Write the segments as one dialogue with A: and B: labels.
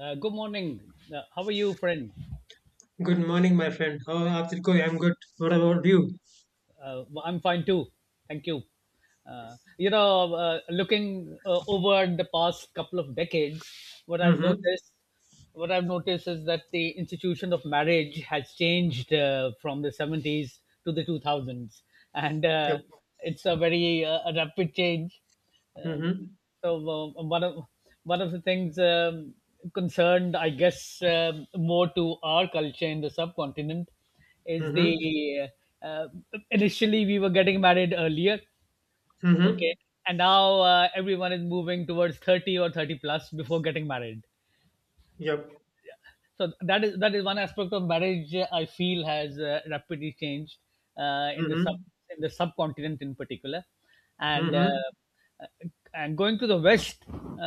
A: Good morning. How are you, friend?
B: Good morning, my friend. How are you? I'm good. What about you?
A: Well, I'm fine too. Thank you. Looking over the past couple of decades, what I've
B: Mm-hmm.
A: noticed, what I've noticed is that the institution of marriage has changed from the 70s to the 2000s, and
B: Yep.
A: it's a very a rapid change. Um,
B: Mm-hmm.
A: so, one of the things, concerned, I guess, more to our culture in the subcontinent, is
B: Mm-hmm.
A: the uh, initially we were getting married earlier.
B: Mm-hmm.
A: Okay. And now, everyone is moving towards 30 or 30 plus before getting married.
B: Yep.
A: So that is one aspect of marriage, I feel, has rapidly changed, uh, in the sub
B: Mm-hmm.
A: in the subcontinent in particular. and uh,
B: Mm-hmm.
A: uh, and going to the west,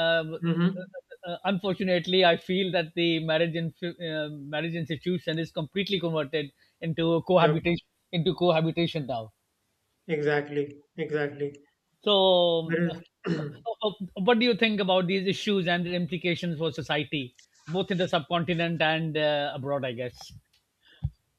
B: Mm-hmm.
A: unfortunately I feel that the marriage institution is completely converted into
B: Yep.
A: cohabitation, now.
B: Exactly. Exactly.
A: So,
B: That is
A: what do you think about these issues and their implications for society, both in the subcontinent and, abroad, I guess?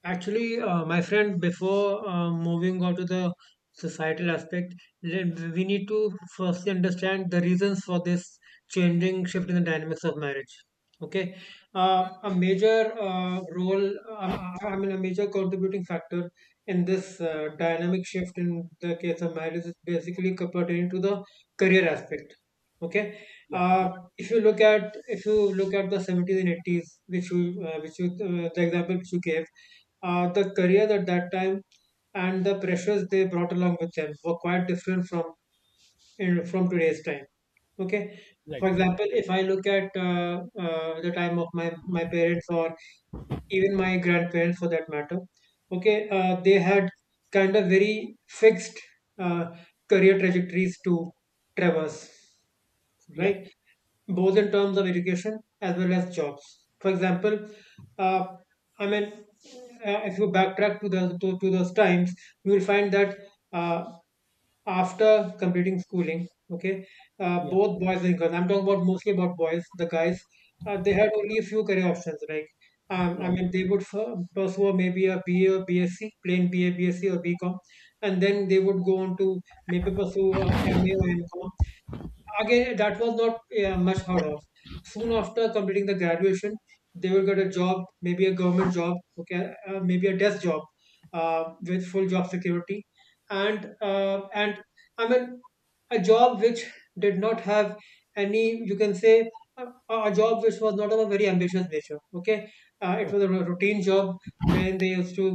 B: actually, my friend, before moving on to the societal aspect, we need to firstly understand the reasons for this changing shift in the dynamics of marriage. Okay, a major role, um, I mean, a major contributing factor in this dynamic shift in the case of marriage is basically pertaining to the career aspect. Okay,
A: Yeah.
B: uh, if you look at if you look at the 70s and 80s, which you the example which you gave. Uh, the career at that time and the pressures they brought along with them were quite different from from today's time. Okay,
A: Right.
B: for example, if I look at the time of my parents or even my grandparents for that matter. Okay, they had kind of very fixed uh, career trajectories to traverse,
A: Yep.
B: right, both in terms of education as well as jobs. For example, uh, I mean, if you backtrack to the to those times, you will find that uh, after completing schooling, okay,
A: Yep.
B: both boys and girls. I'm talking about mostly about boys. The guys, they had only a few career options. Like, um, I
A: Right.
B: mean, they would pursue maybe a BA or BSc, plain BA, BSc or BCom, and then they would go on to maybe pursue a MA or MCom. Again, that was not, yeah, much heard of. Soon after completing the graduation, they will get a job, maybe a government job. Okay, maybe a desk job with full job security, and I mean a job which did not have any, you can say, a, a job which was not of a very ambitious nature. Okay, it
A: Oh,
B: was a routine job when they used to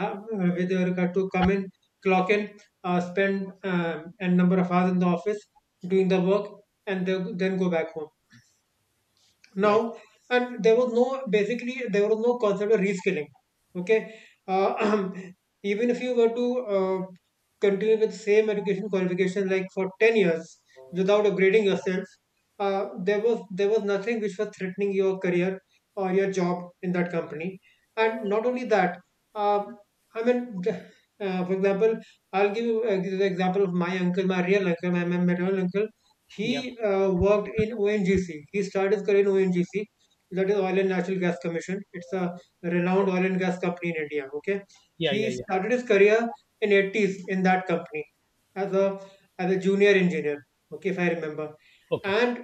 B: have, where they were required to come in, clock in, spend a number of hours in the office doing the work, and they, then go back home
A: right.
B: now. And there was no, basically there was no, concept of reskilling. Okay, uh, even if you were to uh, continue with same education qualification like for 10 years without upgrading yourself, there was nothing which was threatening your career or your job in that company. And not only that, uh, I mean, for example, I'll give you the example of my uncle, my real uncle, my maternal uncle.
A: Yep.
B: He worked in ONGC. He started his career in ONGC, that is Oil and Natural Gas Commission. It's a renowned oil and gas company in India. Okay,
A: Yeah. Yeah.
B: he
A: Yeah.
B: started his career in 80s in that company as a as a junior engineer, okay, if I remember.
A: Okay.
B: And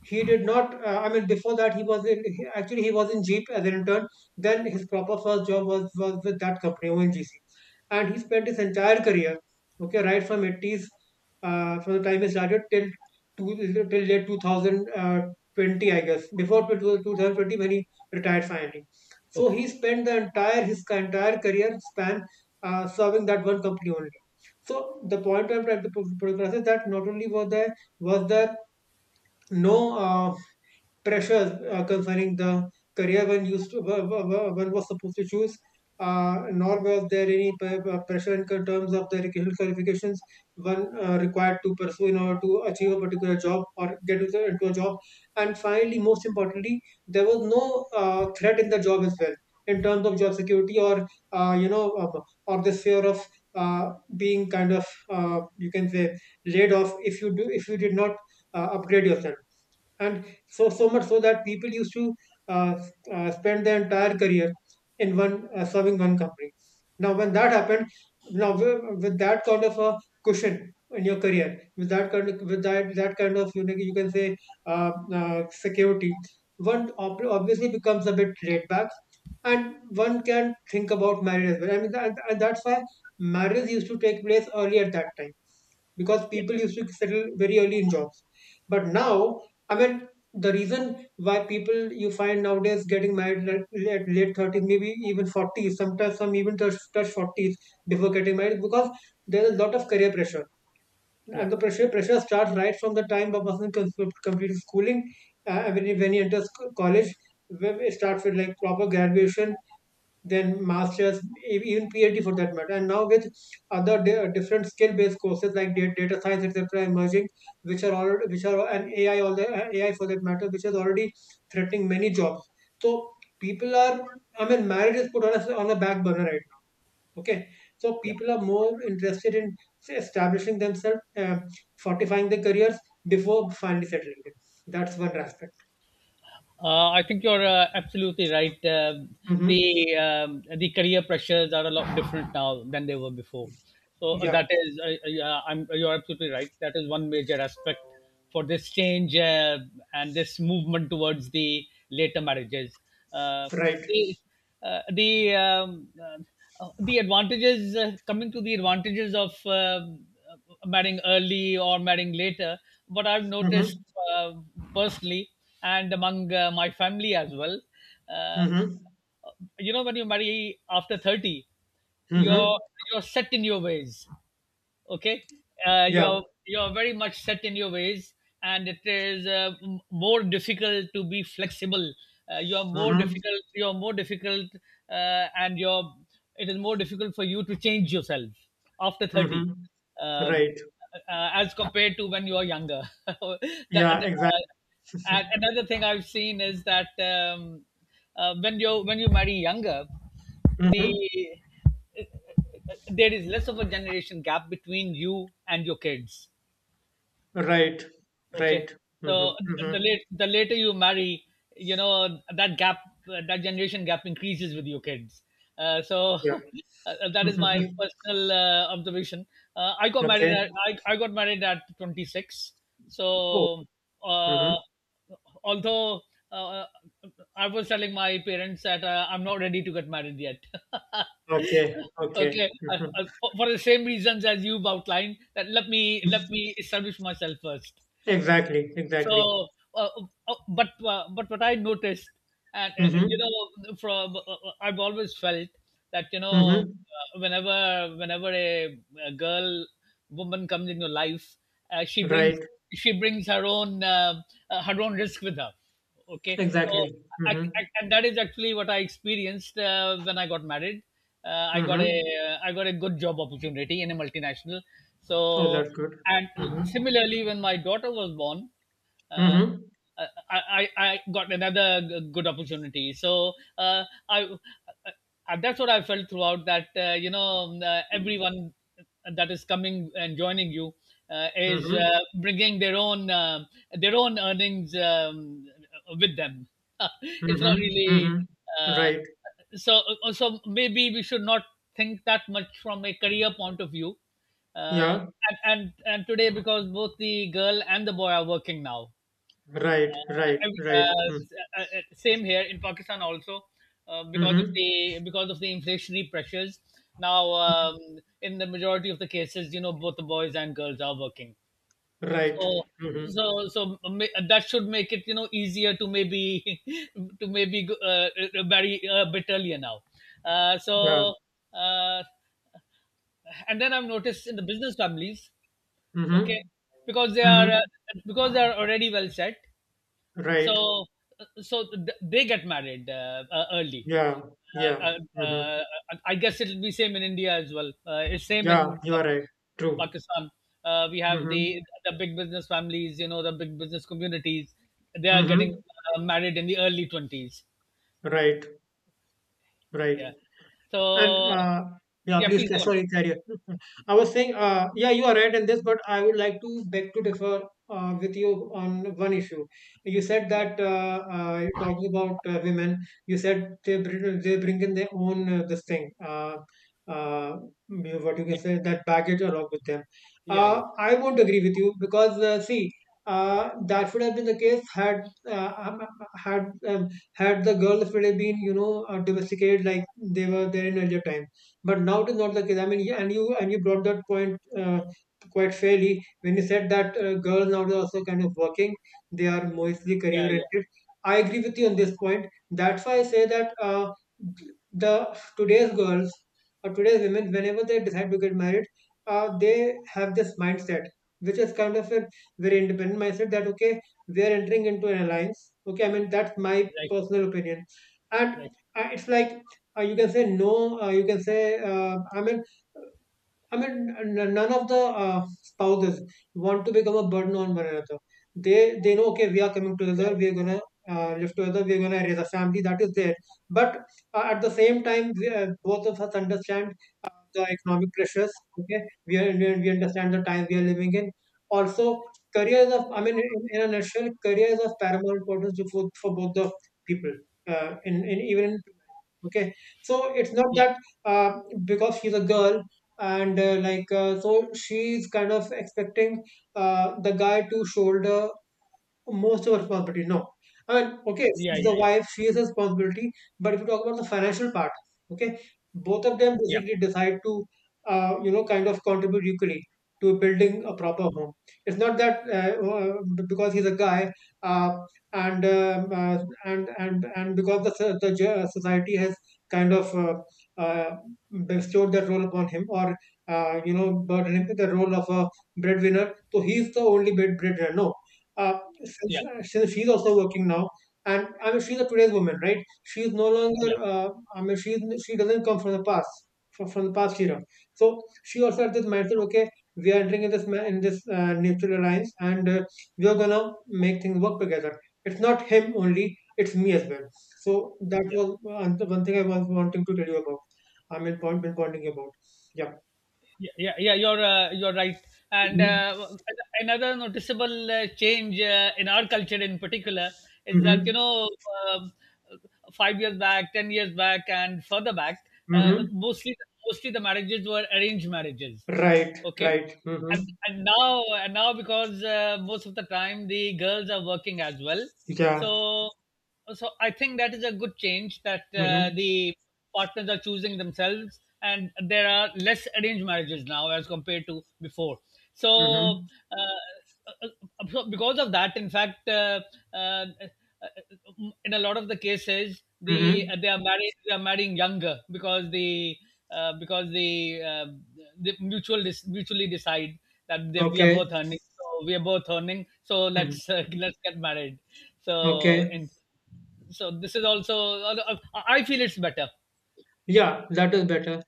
B: he did not, I mean, before that he was in, actually he was in jeep as an intern. Then his proper first job was with that company ONGC. And he spent his entire career, okay, right from 80s, from the time he started till two, till late 2020, I guess, before 2020, when he retired finally. So
A: Okay.
B: he spent the entire his entire career span serving that one company only. So the point I'm trying to progress is that not only was there no pressures concerning the career one used to, one was supposed to choose. Nor was there any pressure in terms of the educational qualifications one required to pursue in order to achieve a particular job or get into a job. And finally, most importantly, there was no threat in the job as well in terms of job security or uh, you know uh, or this fear of uh, being kind of, you can say, laid off if you do if you did not upgrade yourself. And so much so that people used to uh, spend their entire career in one, serving one company. Now, when that happened, now with, that kind of a cushion in your career, with that kind of, with that kind of, you know, you can say, uh, security, one obviously becomes a bit laid back, and one can think about marriage as well. I mean, and that's why marriage used to take place early at that time because
A: Yep.
B: people used to settle very early in jobs. But now, I mean, the reason why people you find nowadays getting married at late, late 30s, maybe even 40s, sometimes some even touch 40s before getting married, because there's a lot of career pressure. And
A: Yep.
B: the pressure starts right from the time a person completes schooling. When, when he enters college, when it starts with like proper graduation, then masters, even PhD for that matter. And now with other different skill-based courses like data science, etc., emerging, which are already, which are an AI, all the AI for that matter, which is already threatening many jobs. So people are, I mean, marriage is put on a back burner right now. Okay, so
A: Yep.
B: people are more interested in, say, establishing themselves, fortifying their careers before finally settling in. That's one aspect.
A: I think you're absolutely right. Um
B: Hmm.
A: the um, the career pressures are a lot different now than they were before. So,
B: Yeah,
A: that is, yeah, you're absolutely right. That is one major aspect for this change, and this movement towards the later marriages. Uh,
B: right.
A: the uh, the um, the advantages, coming to the advantages of, marrying early or marrying later. But I've noticed,
B: Hmm.
A: uh, personally and among, my family as well, uh,
B: Hmm.
A: when you marry after 30, you're,
B: Hmm.
A: you're set in your ways. Okay.
B: Yeah.
A: You're very much set in your ways, and it is more difficult to be flexible.
B: Mm-hmm.
A: You're more difficult and you're it is more difficult for you to change yourself after 30,
B: Mm-hmm.
A: uh, uh,
B: Right.
A: as compared to when you are younger.
B: Yeah,
A: That,
B: exactly.
A: uh, and another thing I've seen is that, when you marry younger, the
B: Mm-hmm.
A: uh, uh, there is less of a generation gap between you and your kids.
B: Right.
A: Okay.
B: Right.
A: So
B: Mm-hmm.
A: the
B: Mm-hmm.
A: late the later you marry, you know, that gap, that generation gap increases with your kids. So,
B: Yeah.
A: that is my
B: Mm-hmm.
A: personal observation. I got married
B: Okay.
A: at I, I got married at 26.
B: Oh.
A: So,
B: Mm-hmm.
A: uh, although, uh, I was telling my parents that I'm not ready to get married yet.
B: Okay. Okay.
A: Okay.
B: Mm-hmm.
A: For the same reasons as you've outlined, that, let me establish myself first.
B: Exactly.
A: So,
B: Exactly.
A: uh, uh, but what I noticed, and, you
B: Mm-hmm.
A: know, from I've always felt that,
B: Mm-hmm.
A: whenever a girl, woman comes into life, uh, she brings
B: Right.
A: she brings her own, her own risk with her. Okay, so,
B: Exactly. Mm-hmm.
A: and that is actually what I experienced when I got married. I got
B: Mm-hmm.
A: a I got a good job opportunity in a multinational.
B: Oh,
A: So,
B: that's good.
A: and
B: Mm-hmm.
A: similarly, when my daughter was born, uh,
B: Mm-hmm.
A: I got another good opportunity. So, I, uh, that's what I felt throughout: that, everyone that is coming and joining you is,
B: Mm-hmm.
A: bringing their own, earnings, with them. It's not
B: Mm-hmm.
A: really.
B: Mm-hmm.
A: uh,
B: Right.
A: So maybe we should not think that much from a career point of view. Uh,
B: Yeah.
A: and, and today, because both the girl and the boy are working now,
B: Right. Right.
A: uh, uh,
B: Right. Mm-hmm.
A: uh, same here in Pakistan also, because of
B: Mm-hmm.
A: the because of the inflationary pressures. Now, in the majority of the cases, you know, both the boys and girls are working.
B: Right.
A: So,
B: Mm-hmm.
A: so that should make it, you know, easier to maybe, to maybe marry a bit earlier now.
B: Yeah.
A: So, uh, and then I've noticed in the business families. Okay.
B: Mm-hmm.
A: Because they are,
B: Mm-hmm.
A: because they are already well set.
B: Right.
A: So, they get married early.
B: Yeah. Yeah.
A: Uh, uh,
B: Mm-hmm.
A: uh, I guess it'll be same in India as well. It's same
B: Yeah.
A: in
B: You are right. True.
A: Pakistan. We have
B: Mm-hmm.
A: the big business families, you know, the big business communities. They are getting
B: Mm-hmm.
A: married in the early 20s.
B: Right. Right.
A: Yeah.
B: And
A: So,
B: yeah,
A: yeah,
B: please,
A: please go on.
B: sorry, carry on. I was saying, yeah, you are right in this, but I would like to beg to differ with you on one issue. You said
A: Yeah,
B: that talking about women, you said they bring in their own this thing. Uh, you- what you can say, that baggage along with them.
A: yeah, yeah, yeah,
B: I won't agree with you because, see, that would have been the case had, uh, um, had uh, had the girls would have been, you know, domesticated like they were there in earlier time. But now it is not the case. I mean, yeah, and you brought that point quite fairly when you said that girls now are also kind of working. They are mostly career
A: yeah, yeah.
B: oriented. I agree with you on this point. That's why I say that, the today's girls or today's women, whenever they decide to get married, they have this mindset, which is kind of a very independent mindset, that okay, we are entering into an alliance. Okay, I mean, that's my
A: Right,
B: personal opinion. And
A: right.
B: it's like, you can say no, you can say, uh, i mean I mean, none of the spouses want to become a burden on one another. They know, okay, we are coming together, we are gonna live together, we are gonna raise a family, that is there, but at the same time both of us understand the economic pressures. Okay, we understand the time we are living in. Also, careers of, I mean, in a nutshell, careers of paramount importance for both the people. In even in, okay, so it's not
A: Yeah,
B: that uh, because she's a girl, and so she's kind of expecting the guy to shoulder most of our responsibility. No, I mean, okay,
A: yeah, yeah,
B: she's the
A: yeah, yeah,
B: wife, she has a responsibility. But if you talk about the financial part, okay, both of them
A: yeah,
B: basically decide to, you know, kind of contribute equally to building a proper home. It's not that because he's a guy, uh, and um, uh, and because the society has kind of uh, bestowed that role upon him, or you know, the role of a breadwinner. So he's the only breadwinner. No, uh,
A: yeah,
B: since, since she's also working now, and I mean she's a today's woman, right, she's no
A: yeah,
B: longer
A: yeah.
B: i mean she she doesn't come from the past, from the past era, so she also had this mindset, okay, we are entering in this neutral alliance, and we are gonna make things work together, it's not him only, it's me as well. So that
A: Yeah.
B: was one thing I was wanting to tell you about. I mean, pointing about, yeah.
A: Yeah, yeah, yeah, you're right. And,
B: Mm-hmm.
A: another noticeable change in our culture, in particular, is that, you
B: Mm-hmm.
A: know, um, 5 years back, 10 years back, and further back, uh,
B: Mm-hmm.
A: mostly mostly the marriages were arranged marriages.
B: Right.
A: Okay.
B: Right. Mm-hmm.
A: And now, because, most of the time, the girls are working as well,
B: Yeah.
A: so so I think that is a good change, that
B: Mm-hmm.
A: the partners are choosing themselves and there are less arranged marriages now as compared to before. So,
B: Mm-hmm.
A: uh, uh, because of that, in fact, uh, uh, in a lot of the cases,
B: Mm-hmm.
A: they are marrying younger because, the because the mutual mutually decide that, we are
B: Okay.
A: both earning, so we are both earning, so
B: Hmm.
A: let's, let's get married. So,
B: Okay.
A: in so this is also, I feel, it's better.
B: Yeah, that is better.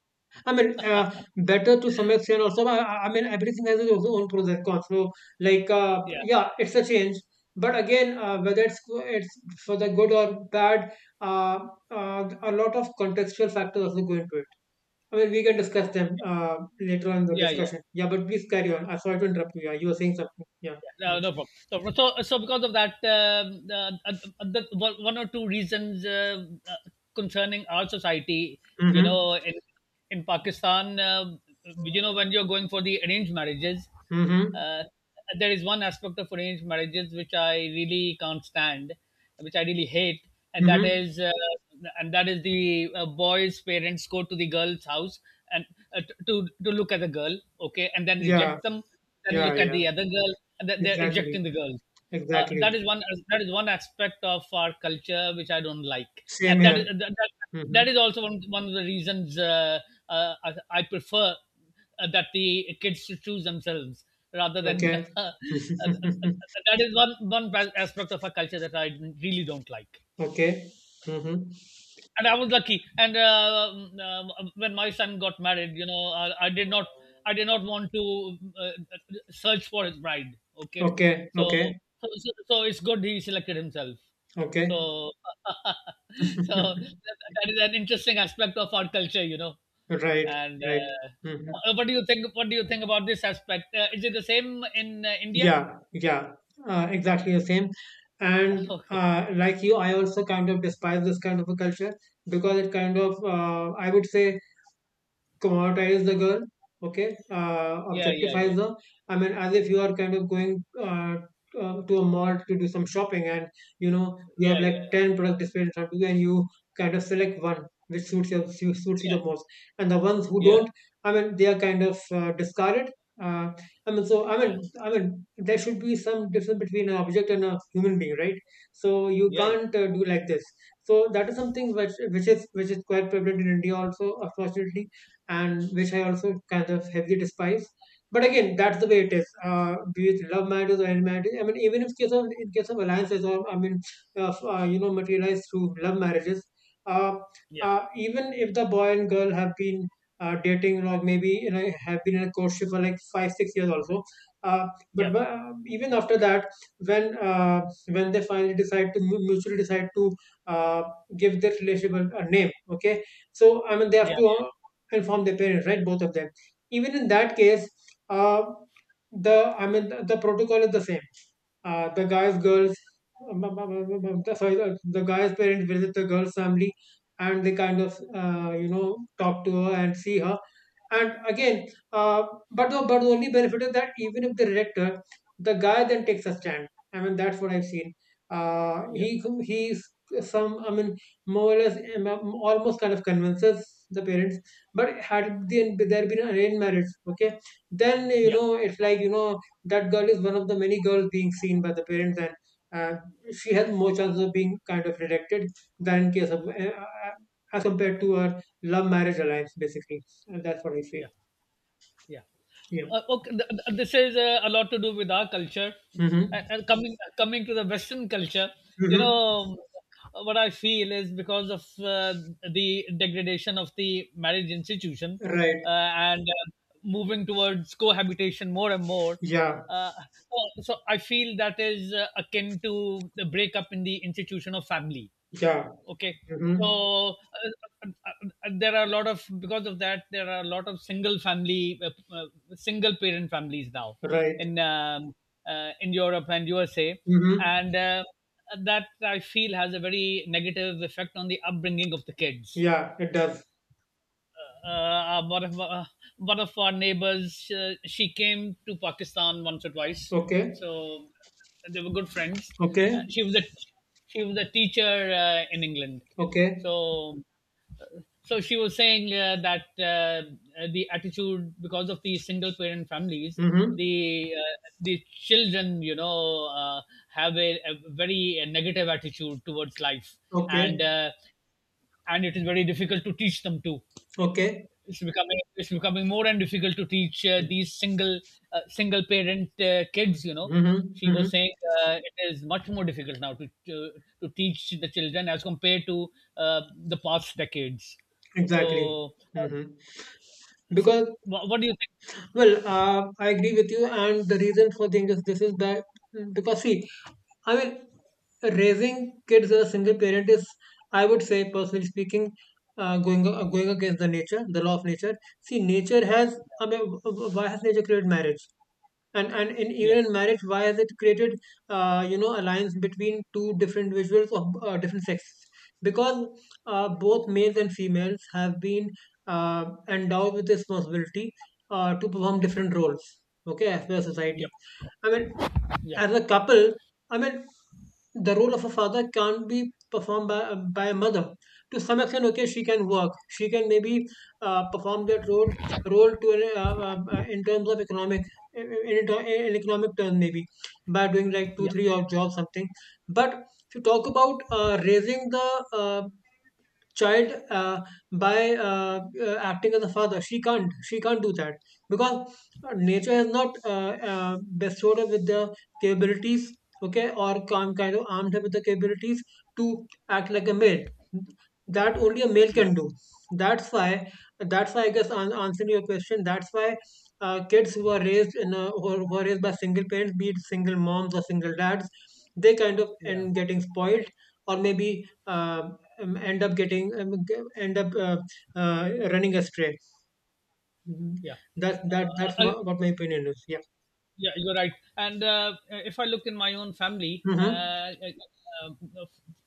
B: I mean, uh, Better to some extent also. I mean, everything has its own pros and cons. So,
A: Yeah,
B: yeah, it's a change. But again, whether it's for the good or bad, uh, a lot of contextual factors also go into it. I mean, we can discuss them later on in the
A: yeah, yeah.
B: discussion. Yeah, but please carry on. I'm sorry to interrupt you. Yeah, you were saying something. Yeah.
A: Yeah. No,
B: Mm-hmm.
A: no problem. No problem. So, because of that, one or two reasons concerning our society, you
B: Mm-hmm.
A: know, in Pakistan, you know, when you're going for the arranged marriages,
B: Mm-hmm.
A: uh, there is one aspect of arranged marriages which I really can't stand, which I really hate. And that
B: Mm-hmm.
A: is, the boy's parents go to the girl's house and, to look at the girl, okay, and then
B: Yeah.
A: reject them and
B: Yeah.
A: look at
B: Yeah.
A: the other girl, and that they're
B: Exactly,
A: ejecting the girls. That
B: exactly.
A: is one, that is one aspect of our culture which I don't like.
B: Same
A: And that is,
B: here.
A: that, that
B: Hmm.
A: that is also one of the reasons, I prefer, that the kids to choose themselves rather than,
B: Okay.
A: that is one one aspect of our culture that I really don't like.
B: Okay. Hmm.
A: And I was lucky. And, when my son got married, you know, I did not want to search for his bride. Okay.
B: Okay.
A: So,
B: Okay.
A: it's good he selected himself.
B: Okay.
A: So, so, that is an interesting aspect of our culture, you know.
B: Right.
A: And,
B: Right. Hmm.
A: what do you think? What do you think about this aspect? Is it the same in India?
B: Yeah. Yeah. Exactly the same. And
A: Okay.
B: like you, I also kind of despise this kind of a culture because it kind of, I would say, commoditize the girl. Okay.
A: Yeah, yeah,
B: Objectifies
A: yeah,
B: her. I mean, as if you are kind of going uh, to a mall to do some shopping, and you know, you
A: yeah,
B: have
A: yeah,
B: like 10 product displayed in front of you, and you kind of select one which suits you suits you the most, and the ones who
A: yeah,
B: don't, I mean, they are kind of discarded. uh, i mean so i
A: yeah,
B: mean i mean there should be some difference between an object and a human being, right? So you
A: yeah, yeah, yeah,
B: can't do like this. So that is something which is quite prevalent in India also, unfortunately, and which I also kind of heavily despise. But again, that's the way it is. Be it love marriages or any marriages. I mean, even if case of in case of alliances, or I mean, of, you know, materialized through love marriages. Uh, Even if the boy and girl have been dating, or maybe you know, have been in a courtship for like 5 6 years also. Uh,
A: yeah,
B: but
A: yeah,
B: uh, even after that, when uh, when they finally decide to mutually decide to uh, give their relationship a name, okay, so I mean, they have
A: yeah.
B: to and from their parents, right? Both of them. Even in that case, uh, the I mean the protocol is the same. The guy's girls the- sorry the guy's parents visit the girl's family, and they kind of you know, talk to her and see her. And again, uh, but the only benefit is that even if they reject her, the guy then takes a stand. I mean, that's what I've seen. uh,
A: Yeah.
B: he he's some, I mean, more or less almost kind of convinces the parents. But had it there been an arranged marriage, okay, then you
A: Yeah,
B: know, it's like you know, that girl is one of the many girls being seen by the parents, and uh, she has more chances of being kind of rejected than in case of uh, as compared to her love marriage alliance, basically. And that's what I feel.
A: yeah, yeah.
B: Yeah.
A: Okay. This is a lot to do with our culture.
B: Mm-hmm.
A: And coming to the Western culture, you
B: Mm-hmm.
A: know, what I feel is, because of the degradation of the marriage institution,
B: Right.
A: and, moving towards cohabitation more and more.
B: Yeah.
A: Uh, so I feel that is akin to the breakup in the institution of family.
B: Yeah.
A: Okay.
B: Mm-hmm.
A: So, uh, uh, there are a lot of because of that there are a lot of single parent families now
B: Right.
A: in, in Europe and USA,
B: Mm-hmm.
A: and that I feel has a very negative effect on the upbringing of the kids.
B: Yeah, it does.
A: uh, uh, one of uh, one of our neighbors. She came to Pakistan once or twice,
B: Okay.
A: so they were good friends.
B: Okay.
A: Uh, she was a she was a teacher in England.
B: Okay.
A: So so she was saying, that, the attitude, because of the single parent families,
B: Mm-hmm.
A: the uh, the children, you know, have a, very negative attitude towards life,
B: Okay.
A: and, and it is very difficult to teach them too.
B: Okay.
A: It's becoming more and difficult to teach, these single, single parent kids, you know.
B: Mm-hmm.
A: She
B: Mm-hmm.
A: was saying, it is much more difficult now to, to teach the children as compared to, uh, the past decades.
B: Exactly.
A: So,
B: Mm-hmm.
A: so
B: Because
A: what do you think?
B: well, I agree with you, and the reason for the injustice is that because see, I mean, raising kids as a single parent is, I would say, personally speaking, going against the nature, the law of nature. See, nature has, I mean, why has nature created marriage? And in even
A: Yeah,
B: in marriage, why has it created you know, alliance between two different individuals of different sexes, because both males and females have been endowed with this responsibility to perform different roles, okay, as per
A: yeah,
B: society. I mean,
A: yeah,
B: as a couple, I mean, the role of a father can't be performed by a mother. To some extent, okay, she can work, she can maybe perform that role, to an, in terms of economic, in economic term maybe, by doing like two
A: yeah,
B: three odd jobs something. But if you talk about raising the child by acting as a father, she can't, she can't do that, because nature has not bestowed her with the capabilities, okay, or can kind of armed her with the capabilities to act like a male, that only a male
A: yeah,
B: can do. That's why, I guess, answering your question, that's why kids who are raised in a, who are raised by single parents, be it single moms or single dads, they kind of
A: yeah,
B: end getting spoiled, or maybe uh, end up getting end up running astray. Mhm.
A: yeah.
B: That's my, what my opinion is. Yeah.
A: Yeah, you're right. And, if I look in my own family,
B: Mm-hmm.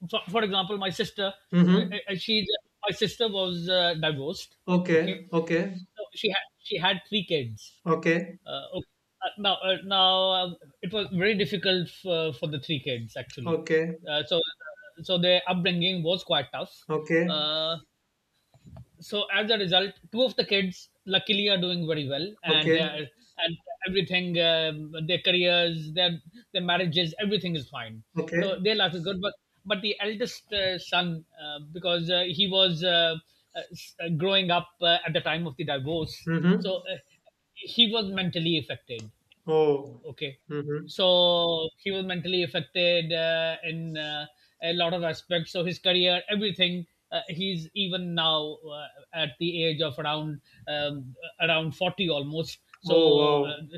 A: for example, my sister,
B: Mm-hmm.
A: she my sister was divorced. Okay,
B: Okay. Okay.
A: so she had three kids.
B: Okay.
A: Okay. Now, it was very difficult for, the three kids actually.
B: Okay.
A: So, their upbringing was quite tough.
B: Okay.
A: Uh, so as a result, two of the kids luckily are doing very well, and they
B: Okay.
A: are and everything, their careers, their marriages, everything is fine. So
B: Okay.
A: their life is good, but the eldest son, because growing up at the time of the divorce,
B: Mm-hmm.
A: so uh, he was mentally affected.
B: Oh.
A: Okay.
B: Mm-hmm.
A: So he was mentally affected in a lot of aspects. So his career, everything. He's even now at the age of um, around 40 almost.
B: Oh
A: So
B: wow.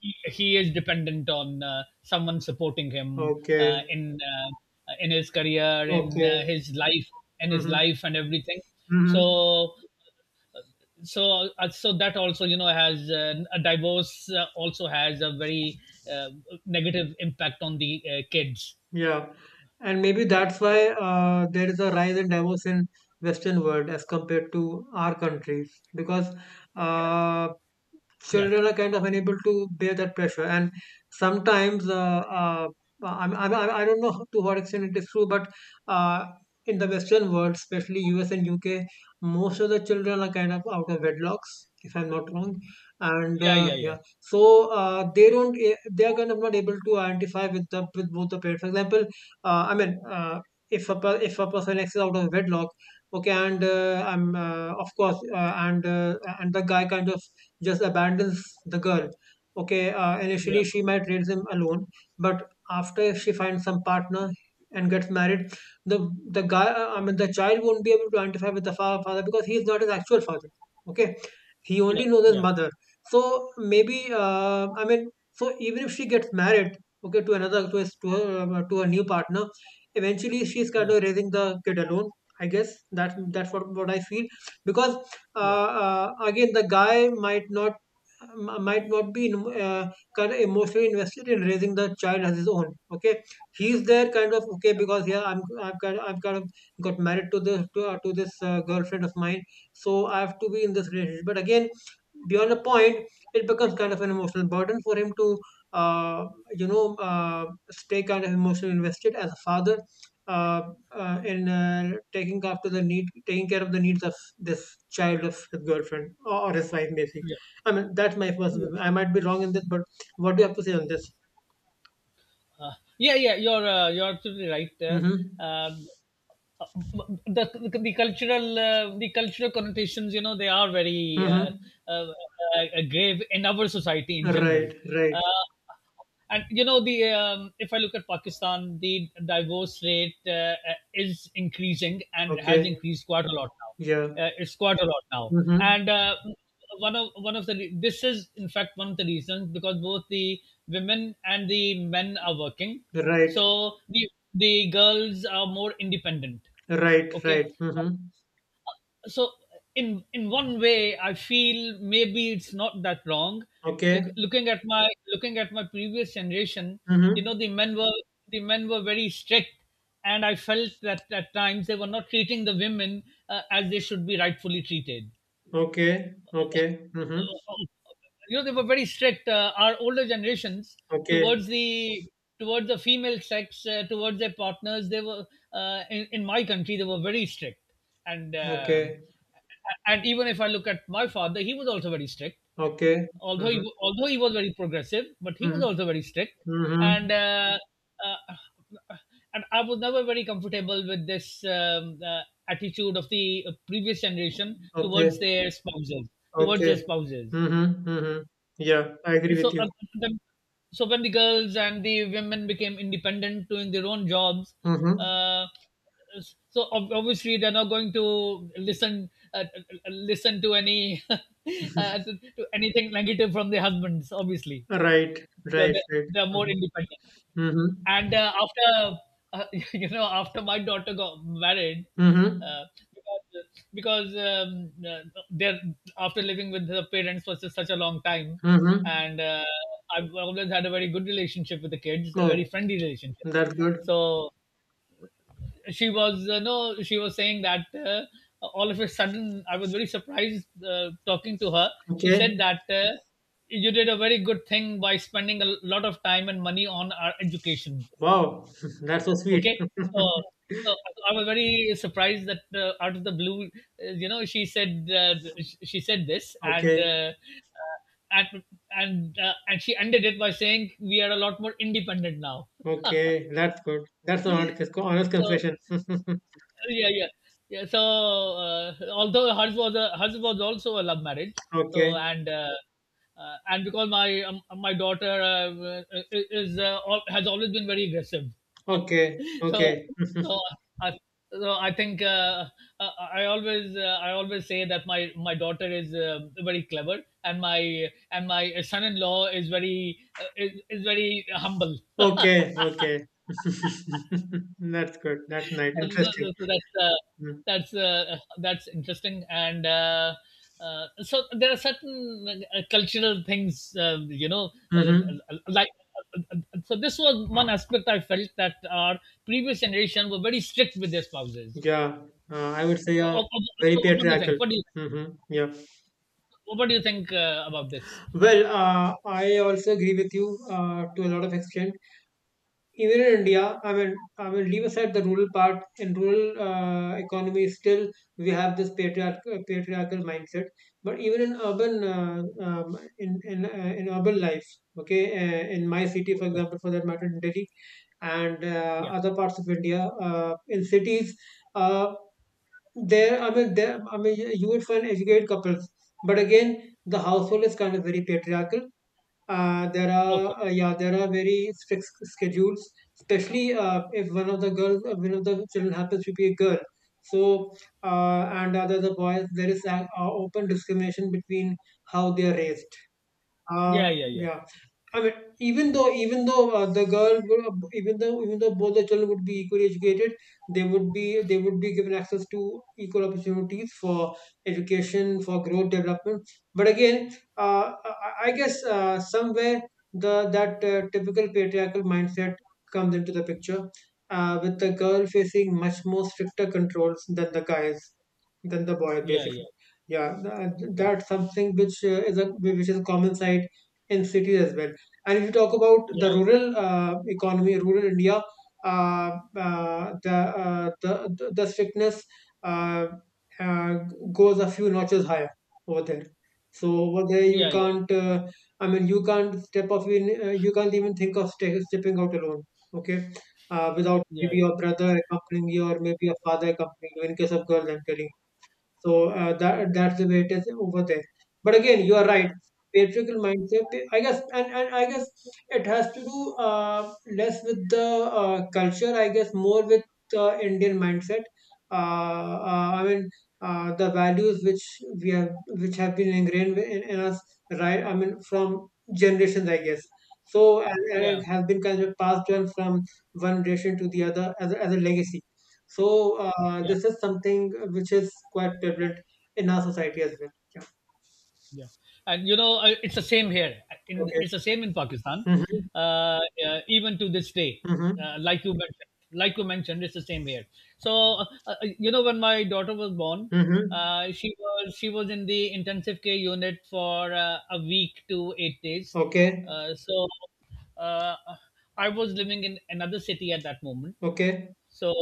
A: he is dependent on someone supporting him uh,
B: Okay.
A: in uh, in his career, in
B: Okay.
A: uh, his life, in his
B: Mm-hmm.
A: life and everything.
B: Mm-hmm.
A: So so that also has a divorce also has a very uh, negative impact on the kids.
B: Yeah. And maybe that's
A: Yeah,
B: why there is a rise in divorce in Western world as compared to our country, because uh,
A: yeah
B: children are kind of unable to bear that pressure, and sometimes I don't know to what extent it is true, but uh, in the Western world, especially US and UK, most of the children are kind of out of wedlocks, if I'm not wrong. And
A: yeah yeah
B: yeah, so they don't eh, they are kind of not able to identify with the with both the parents, for example. uh, i mean uh, if a if a person x is out of wedlock, okay, and I'm of course, and the guy kind of just abandons the girl. Okay,
A: yeah
B: initially she might raise him alone, but after she finds some partner and gets married, the the guy, I mean, the child won't be able to identify with the father, because he is not his actual father. Okay, he
A: yeah
B: only knows his
A: yeah
B: mother. So maybe, I mean, so even if she gets married, okay, to another, to her, to a new partner, eventually she's kind
A: yeah
B: of raising the kid alone. I guess that that's what I feel, because
A: yeah yeah yeah
B: again, the guy might not, might not be kind of emotionally invested in raising the child as his own, okay. He's there kind of okay, because yeah, I am kind of, I've kind of got married to this girlfriend of mine, so I have to be in this relationship. But again, beyond a point, it becomes kind of an emotional burden for him to uh, you know, stay kind of emotionally invested as a father uh, in taking after the need, taking care of the needs of this child of his girlfriend or his wife, maybe. I mean, that's my first.
A: yeah
B: I might be wrong in this, but what do you have to say on this?
A: yeah, yeah you're absolutely right,
B: Mm-hmm.
A: the, the cultural, the cultural connotations, you know, they are very
B: Mm-hmm.
A: uh, uh, grave in our society in general.
B: Right. Right.
A: Uh, and you know the If I look at Pakistan, the divorce rate is increasing and has
B: Okay.
A: increased quite a lot
B: Yeah.
A: now. It's quite a lot now.
B: Mm-hmm.
A: And one of the re- this is in fact one of the reasons because both the women and the men are working,
B: Right.
A: so the girls are more independent.
B: Right.
A: Okay,
B: Right.
A: so,
B: Mm-hmm.
A: so in one way I feel maybe it's not that wrong.
B: Okay.
A: Looking at my previous generation, you
B: Mm-hmm.
A: know, the men were very strict, and I felt that at times they were not treating the women as they should be rightfully treated.
B: Okay. Okay. Mm-hmm.
A: uh, um, you know, they were very strict, our older generations,
B: Okay.
A: towards the female sex, towards their partners. They were in my country, they were very strict. and um
B: Okay.
A: and even if I look at my father, he was also very strict.
B: Okay.
A: although he,
B: Mm-hmm.
A: wa- although he was very progressive, but he was
B: Mm-hmm.
A: also very strict. and
B: Mm-hmm.
A: uh, uh, and I was never very comfortable with this attitude of the previous generation
B: Okay.
A: towards their spouses, towards their
B: Okay.
A: spouses
B: Mm-hmm. Mm-hmm. Yeah, I agree
A: so
B: with
A: uh,
B: you.
A: when- so when the girls and the women became independent, doing their own jobs,
B: Mhm.
A: uh, obviously they're not going to listen. Listen to any to anything negative from their husbands, obviously,
B: Right.
A: because
B: Right.
A: they're,
B: Right.
A: they're more
B: Mhm.
A: independent.
B: Mhm.
A: And after uh, after my daughter got married,
B: Mhm.
A: uh, because they're after living with her parents for such a long time,
B: Mhm.
A: and I've always had a very good relationship with the kids, a
B: Oh,
A: very friendly relationship.
B: that's good.
A: So she was no she was saying that, all of a sudden, I was very surprised talking to her. She said
B: Okay.
A: that, "You did a very good thing by spending a lot of time and money on our education."
B: Wow. That's so sweet.
A: Okay. Uh, so I was very surprised that, out of the blue, she said, she said this. and
B: Okay.
A: uh, uh, and and uh, and she ended it by saying, "We are a lot more independent now."
B: Okay. That's good. That's an honest, honest
A: So
B: confession.
A: yeah, yeah, yeah. So although hers was also a love marriage. So
B: Okay.
A: and because my daughter has always been very aggressive.
B: Okay.
A: so
B: Okay.
A: so I, so I think, I always, I always say that my daughter is very clever, and my son-in-law is very humble.
B: Okay. Okay. That's good. That's nice.
A: Oh, this
B: Interesting.
A: is- this that's uh,
B: Mm-hmm.
A: that's That's interesting. And So there are certain cultural things,
B: Mm-hmm.
A: uh, like uh, this was one aspect I felt, that our previous generation were very strict with their spouses.
B: Yeah. I would say
A: so what
B: very
A: so what do you
B: patriarchal.
A: think? what do you
B: Mm-hmm. Yeah.
A: what do you think about this?
B: Well, I also agree with you to a lot of extent. Even in India, I mean, leave aside the rural part. In rural economy, still we have this patriarchal mindset. But even in urban in urban life, okay, in my city, for
A: Okay.
B: example, for that matter, in Delhi, and
A: yeah
B: other parts of India. In cities, uh, there I mean, you would find educated couples, but again, the household is kind of very patriarchal. There
A: okay
B: are yeah, there are very strict schedules, especially if one of the girls, one of the children happens to be a girl. So and other the boys, there is an open discrimination between how they are raised.
A: yeah yeah yeah
B: Yeah. I mean, even though the girl, even though both the children would be equally educated, they would be given access to equal opportunities for education, for growth, development. But again, uh, I guess somewhere the that typical patriarchal mindset comes into the picture, with the girl facing much more stricter controls than the guys, than the boy
A: yeah
B: basically.
A: yeah
B: Yeah,
A: yeah
B: that's something which is a which is a common sight in cities as well. And if you talk about
A: yeah
B: the rural economy, rural India, uh, uh, the, the strictness uh, uh, goes a few notches higher over there. So over there, you
A: yeah yeah
B: can't you can't step off in you can't even think of stepping out alone, okay, without maybe
A: yeah
B: your brother accompanying you or maybe a father accompanying you, in case of girls, I'm telling you. So that that's the way it is over there. But again, you are right. Patriarchal mindset, I guess, and I guess it has to do less with the culture, I guess, more with the Indian mindset. I mean, the values which we have, which have been ingrained in us, right? I mean, from generations, I guess. So, and
A: yeah
B: it has been kind of passed on from one generation to the other as a legacy. So
A: yeah
B: this is something which is quite prevalent in our society as well. Yeah.
A: Yeah, and you know, it's the same here. In
B: Okay.
A: it's the same in Pakistan.
B: Mm-hmm.
A: Uh, Even to this day,
B: Mm-hmm.
A: like you mentioned, it's the same here. So, when my daughter was born,
B: Mm-hmm.
A: she was in the intensive care unit for a week to 8 days.
B: Okay.
A: Uh, so uh, I was living in another city at that moment.
B: Okay.
A: So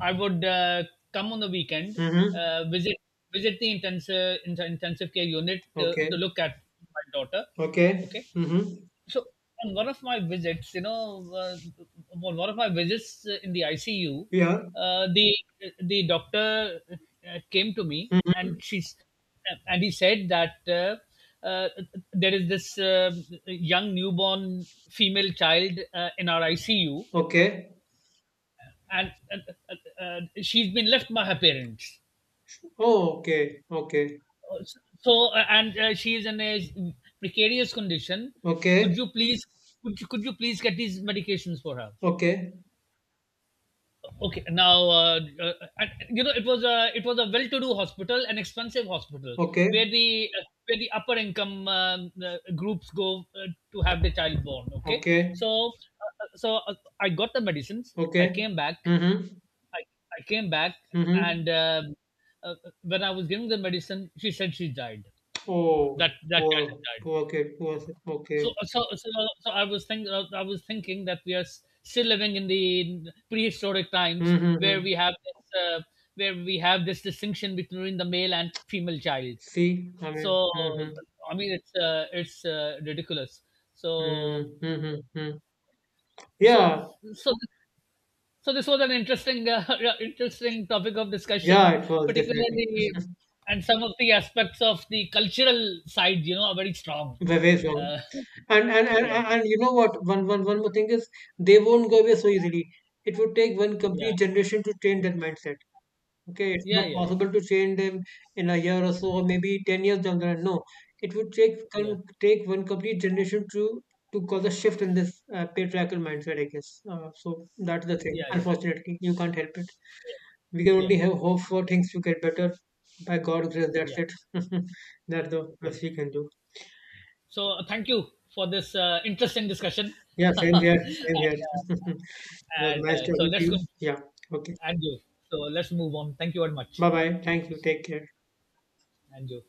A: I would come on the weekend,
B: Mm-hmm.
A: uh, visit visit the intensive care unit to
B: Okay.
A: look at my daughter.
B: Okay.
A: Okay,
B: Mm-hmm.
A: so on one of my visits, you know, on one of my visits in the ICU,
B: Yeah.
A: uh, the the doctor came to me and
B: Mm-hmm.
A: she's and he said that there is this young newborn female child in our ICU,
B: Okay.
A: and she's been left by her parents.
B: Oh, okay. Okay.
A: So, and she is in a precarious condition. Could
B: Okay.
A: you please, could you please get these medications for her?
B: Okay.
A: Okay. now and, you know it was a well-to-do hospital, an expensive hospital,
B: Okay.
A: where the upper income groups go to have the child born. Okay,
B: Okay.
A: so so uh, I got the medicines. I
B: Okay.
A: came back.
B: Mm-hmm.
A: I, I came back,
B: Mm-hmm.
A: and uh, when I was giving the medicine, she said she died.
B: Oh,
A: That that cat
B: poor,
A: had died.
B: poor kid, poor. Okay.
A: So so so, so I was thinking, that we are still living in the prehistoric times where
B: Mm-hmm.
A: we have this distinction between the male and female child.
B: See, I mean,
A: So
B: mm-hmm.
A: I mean, it's ridiculous. So
B: Mm-hmm. Mm-hmm. Mm-hmm.
A: so
B: Yeah,
A: so So this was an interesting, interesting topic of discussion,
B: yeah, it was definitely
A: particularly, and some of the aspects of the cultural side, you know, are very strong.
B: ve- very strong.
A: Uh, yeah,
B: And you know what? One one one more thing is they won't go away so easily. It would take one
A: yeah,
B: complete generation to change that mindset. Okay, it's
A: yeah,
B: not
A: yeah, yeah,
B: possible to change them in a year or so, or maybe 10 years down the line. No, it would take
A: yeah,
B: can take one complete generation to cause a shift in this patriarchal mindset, I guess. So that's the thing.
A: yeah, yeah,
B: Unfortunately, you can't help it. We can
A: yeah,
B: only have hope for things to get better. By God's grace, that's
A: yeah,
B: it. That's the
A: yeah.
B: best we can do.
A: So thank you for this interesting discussion,
B: Yeah,
A: and,
B: same
A: uh,
B: here. Same here. It was
A: and
B: nice
A: so
B: talking to
A: let's
B: you.
A: go
B: Yeah. Okay.
A: and you. So let's move on. Thank you very much.
B: Bye bye. Thank you. Take care.
A: And you.